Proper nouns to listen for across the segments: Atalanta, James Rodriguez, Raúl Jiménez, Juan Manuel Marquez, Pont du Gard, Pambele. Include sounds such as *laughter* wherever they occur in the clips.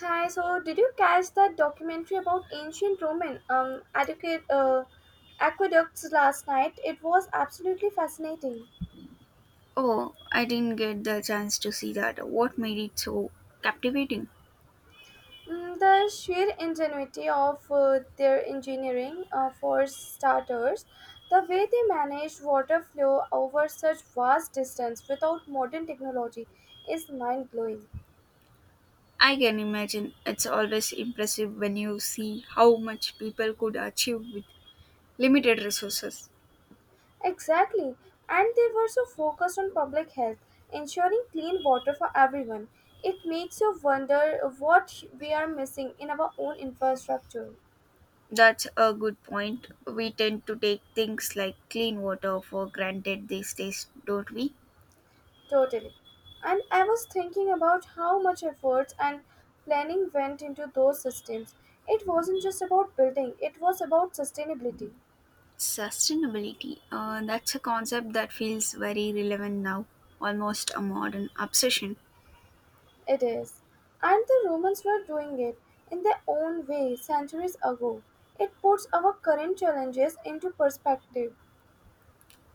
Hi, so did you catch that documentary about ancient Roman aqueducts last night? It was absolutely fascinating. Oh, I didn't get the chance to see that. What made it so captivating? Mm, the sheer ingenuity of their engineering, for starters, the way they managed water flow over such vast distance without modern technology is mind blowing. I can imagine it's always impressive when you see how much people could achieve with limited resources. Exactly. And they were so focused on public health, ensuring clean water for everyone. It makes you wonder what we are missing in our own infrastructure. That's a good point. We tend to take things like clean water for granted these days, don't we? Totally. And I was thinking about how much effort and planning went into those systems. It wasn't just about building, it was about sustainability. Sustainability. That's a concept that feels very relevant now, almost a modern obsession. It is. And the Romans were doing it in their own way centuries ago. It puts our current challenges into perspective.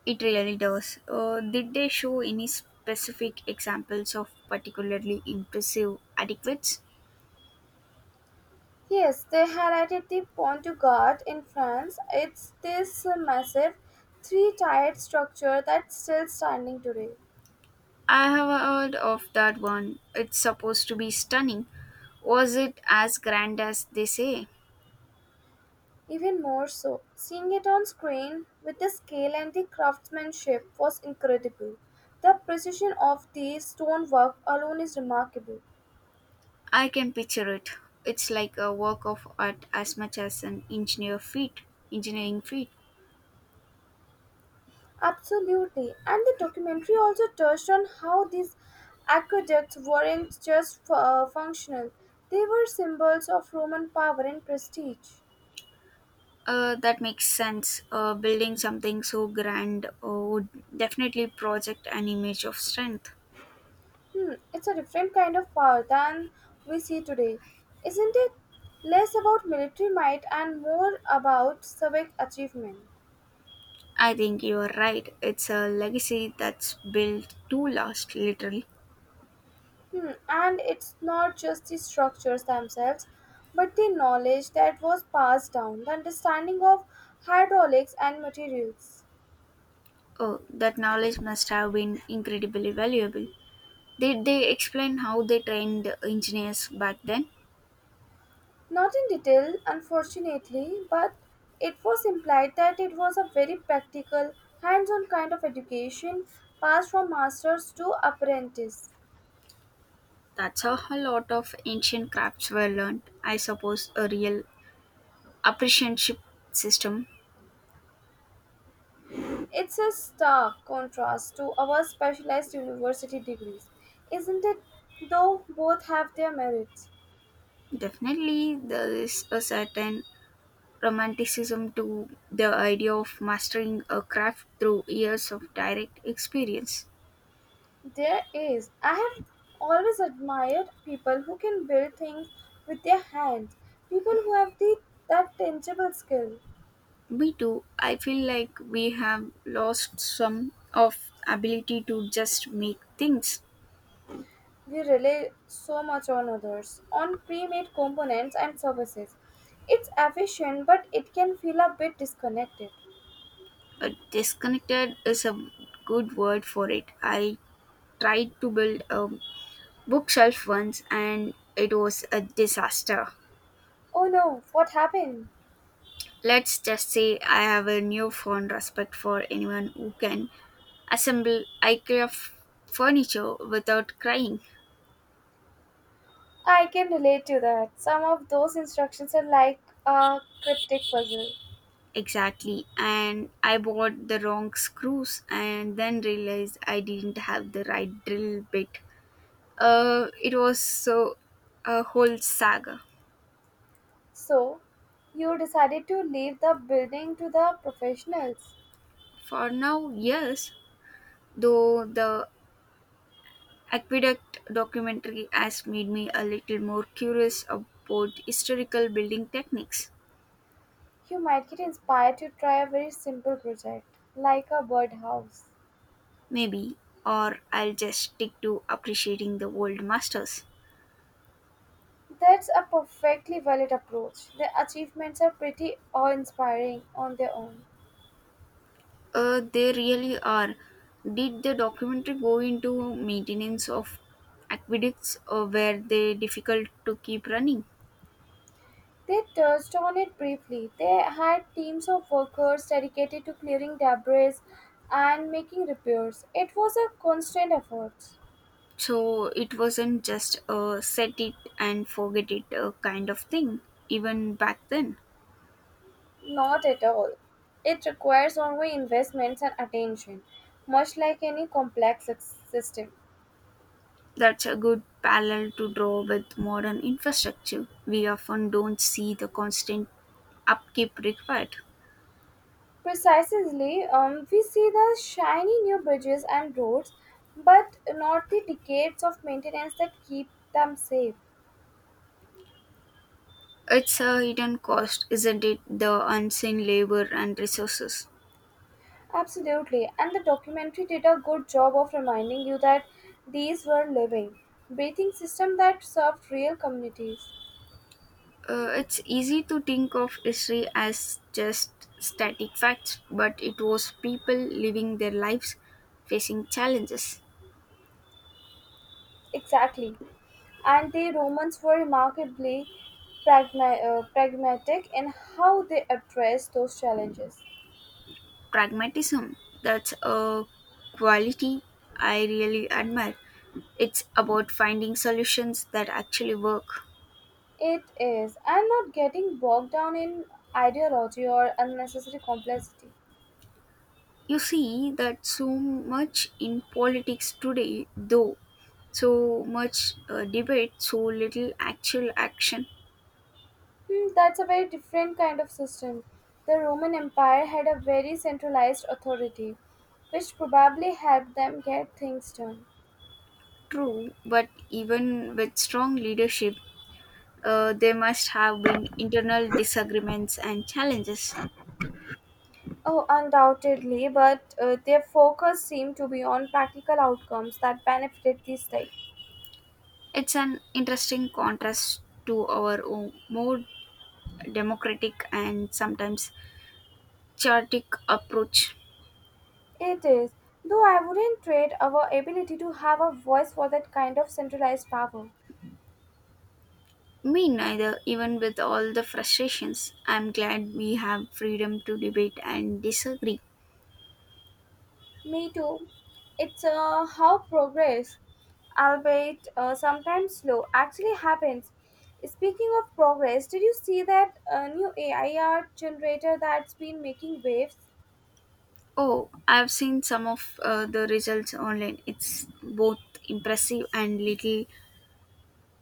It really does. Did they show any specific examples of particularly impressive adequates? Yes, they highlighted the Pont du Gard in France. It's this massive three-tiered structure that's still standing today. I have heard of that one. It's supposed to be stunning. Was it as grand as they say? Even more so, seeing it on screen with the scale and the craftsmanship was incredible. The precision of the stonework alone is remarkable. I can picture it. It's like a work of art as much as an engineer feat, engineering feat. Absolutely. And the documentary also touched on how these aqueducts weren't just functional, they were symbols of Roman power and prestige. That makes sense. Building something so grand would definitely project an image of strength. Hmm, it's a different kind of power than we see today, isn't it? Less about military might and more about civic achievement. I think you are right. It's a legacy that's built to last, literally. Hmm, and it's not just the structures themselves, but the knowledge that was passed down, the understanding of hydraulics and materials. Oh, that knowledge must have been incredibly valuable. Did they explain how they trained engineers back then? Not in detail, unfortunately, but it was implied that it was a very practical, hands on kind of education passed from masters to apprentice. That's how a lot of ancient crafts were learned. I suppose a real apprenticeship system. It's a stark contrast to our specialized university degrees, isn't it? Though both have their merits. Definitely, there is a certain romanticism to the idea of mastering a craft through years of direct experience. There is. I have always admired people who can build things with their hands, people who have that tangible skill. Me too. I feel like we have lost some of ability to just make things. We rely so much on others, on pre made components and services. It's efficient, but it can feel a bit disconnected. Disconnected is a good word for it. I tried to build a bookshelf once and it was a disaster. Oh no, what happened? Let's just say I have a newfound respect for anyone who can assemble furniture without crying. I can relate to that. Some of those instructions are like a cryptic puzzle. Exactly. And I bought the wrong screws and then realized I didn't have the right drill bit. It was so a whole saga. So, you decided to leave the building to the professionals. For now, yes, though the aqueduct documentary has made me a little more curious about historical building techniques. You might get inspired to try a very simple project, like a birdhouse. Maybe, or I'll just stick to appreciating the old masters. That's a perfectly valid approach. The achievements are pretty awe inspiring on their own. They really are. Did the documentary go into maintenance of aqueducts or were they difficult to keep running? They touched on it briefly. They had teams of workers dedicated to clearing debris and making repairs. It was a constant effort. So it wasn't just a set it and forget it kind of thing, even back then. Not at all. It requires ongoing investments and attention, much like any complex system. That's a good parallel to draw with modern infrastructure. We often don't see the constant upkeep required. Precisely, we see the shiny new bridges and roads, but not the decades of maintenance that keep them safe. It's a hidden cost, isn't it? The unseen labor and resources. Absolutely, and the documentary did a good job of reminding you that these were living, breathing systems that served real communities. It's easy to think of history as just static facts, but it was people living their lives facing challenges. Exactly. And the Romans were remarkably pragmatic in how they addressed those challenges. Pragmatism, that's a quality I really admire. It's about finding solutions that actually work. It is, and not getting bogged down in ideology or unnecessary complexity. You see that so much in politics today, though. So much debate, so little actual action. Hmm, that's a very different kind of system. The Roman Empire had a very centralized authority, which probably helped them get things done. True, but even with strong leadership, there must have been internal disagreements and challenges. Oh, undoubtedly, but their focus seemed to be on practical outcomes that benefited the state. It's an interesting contrast to our own more democratic and sometimes chaotic approach. It is, though I wouldn't trade our ability to have a voice for that kind of centralized power. Me neither, even with all the frustrations. I'm glad we have freedom to debate and disagree. Me too. It's how progress, albeit sometimes slow, actually happens. Speaking of progress, did you see that new AI art generator that's been making waves? Oh, I've seen some of the results online. It's both impressive and little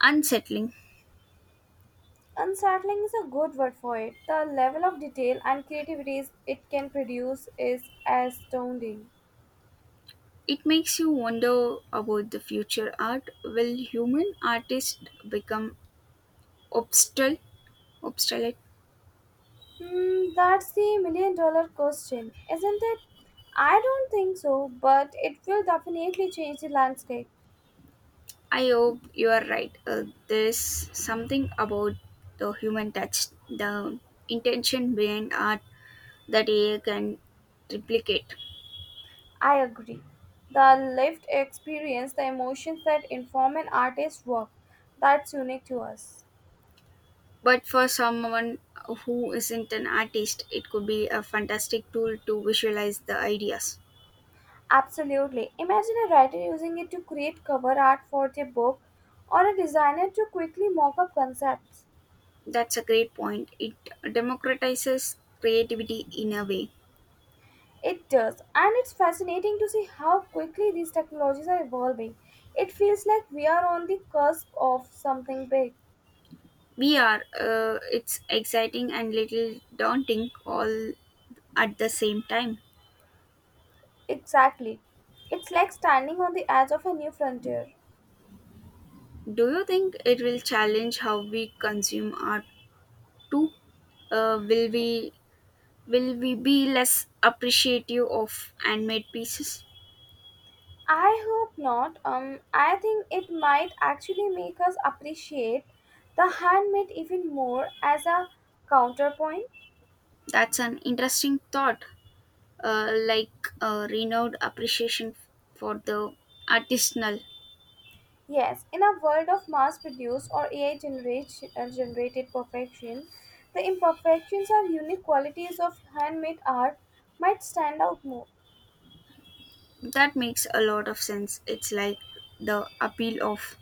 unsettling. Unsettling is a good word for it. The level of detail and creativity it can produce is astounding. It makes you wonder about the future art. Will human artists become obstal- obsolete? Hmm, that's the million-dollar question, isn't it? I don't think so, but it will definitely change the landscape. I hope you are right. There's something about the human touch, the intention behind art that AI can replicate. I agree. The lived experience, the emotions that inform an artist's work, that's unique to us. But for someone who isn't an artist, it could be a fantastic tool to visualize the ideas. Absolutely. Imagine a writer using it to create cover art for their book or a designer to quickly mock up concepts. That's a great point. It democratizes creativity in a way. It does, and it's fascinating to see how quickly these technologies are evolving. It feels like we are on the cusp of something big. We are. It's exciting and little daunting all at the same time. Exactly. It's like standing on the edge of a new frontier. Do you think it will challenge how we consume art too? Uh, will we will we be less appreciative of handmade pieces? I hope not. I think it might actually make us appreciate the handmade even more as a counterpoint. That's an interesting thought. Like a renewed appreciation for the artisanal. Yes, in a world of mass produced or AI generated perfection, the imperfections or unique qualities of handmade art might stand out more. That makes a lot of sense. It's like the appeal of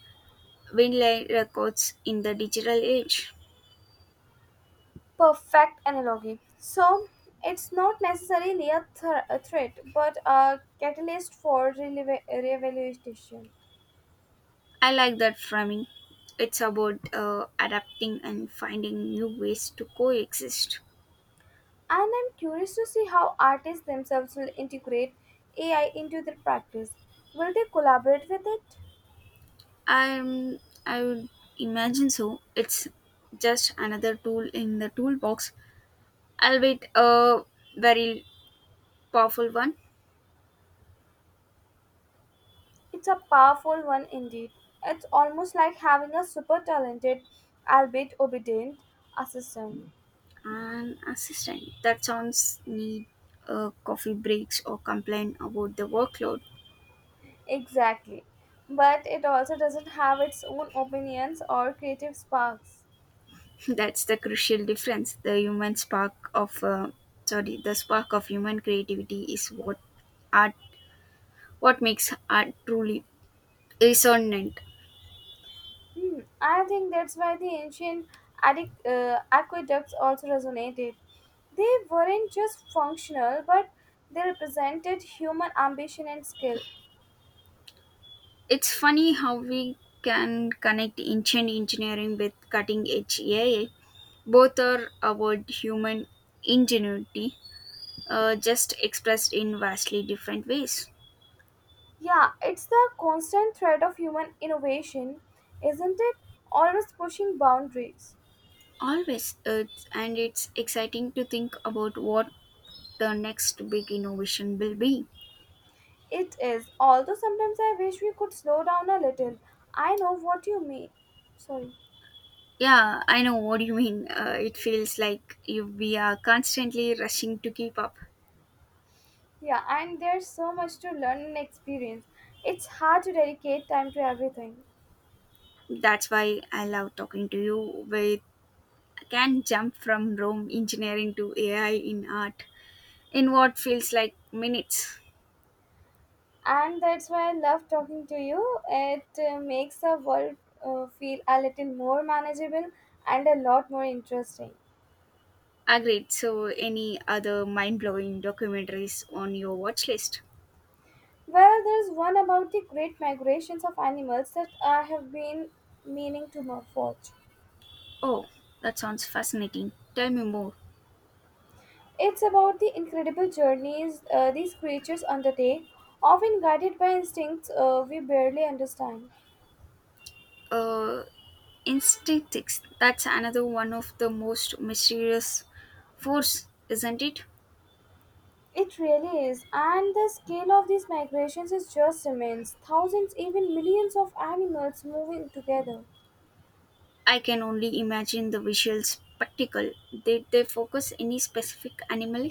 vinyl records in the digital age. Perfect analogy. So, it's not necessarily a threat but a catalyst for revaluation. I like that framing. It's about adapting and finding new ways to coexist. And I'm curious to see how artists themselves will integrate AI into their practice. Will they collaborate with it? I I would imagine so. It's just another tool in the toolbox, albeit a very powerful one. It's a powerful one indeed. It's almost like having a super talented, albeit obedient, assistant. An assistant that sounds need coffee breaks or complain about the workload. Exactly. But it also doesn't have its own opinions or creative sparks. *laughs* That's the crucial difference. The human spark of the spark of human creativity is what art what makes art truly resonant. Hmm. I think that's why the ancient aqueducts also resonated. They weren't just functional, but they represented human ambition and skill. It's funny how we can connect ancient engineering with cutting edge AI. Both are about human ingenuity, just expressed in vastly different ways. Yeah, it's the constant thread of human innovation, isn't it? Always pushing boundaries. Always, and it's exciting to think about what the next big innovation will be. It is, although sometimes I wish we could slow down a little. I know what you mean. Sorry. Yeah, I know what you mean. It feels like you, we are constantly rushing to keep up. Yeah, and there's so much to learn and experience. It's hard to dedicate time to everything. That's why I love talking to you with can jump from Rome engineering to AI in art in what feels like minutes. And that's why I love talking to you. It makes the world feel a little more manageable and a lot more interesting. Agreed. So, any other mind blowing documentaries on your watch list? Well, there's one about the great migrations of animals that I have been meaning to watch. Oh, that sounds fascinating. Tell me more. It's about the incredible journeys these creatures undertake, often guided by instincts we barely understand. Uh, Instinctics, that's another one of the most mysterious force, isn't it? It really is, and the scale of these migrations is just immense. Thousands, even millions of animals moving together. I can only imagine the visual spectacle. Did they focus any specific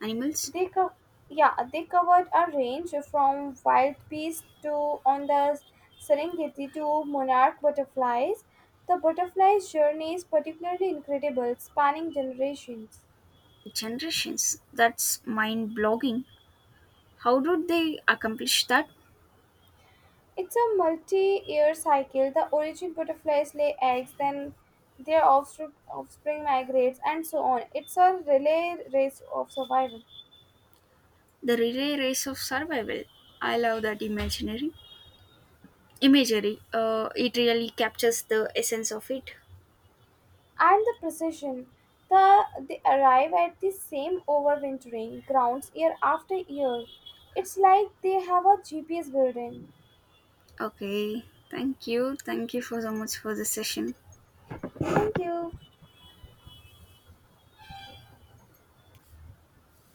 animals? They co- yeah, they covered a range from wild beasts to on the Serengeti to monarch butterflies. The butterfly's journey is particularly incredible, spanning generations. Generations. That's mind blogging. How did they accomplish that? It's a multi-year cycle. The origin butterflies lay eggs, then their offspring migrates, and so on. It's a relay race of survival. The relay race of survival. I love that imaginary imagery. It really captures the essence of it. And the precision. They arrive at the same overwintering grounds year after year. It's like they have a GPS building. Okay, thank you. Thank you for so much for the session. Thank you.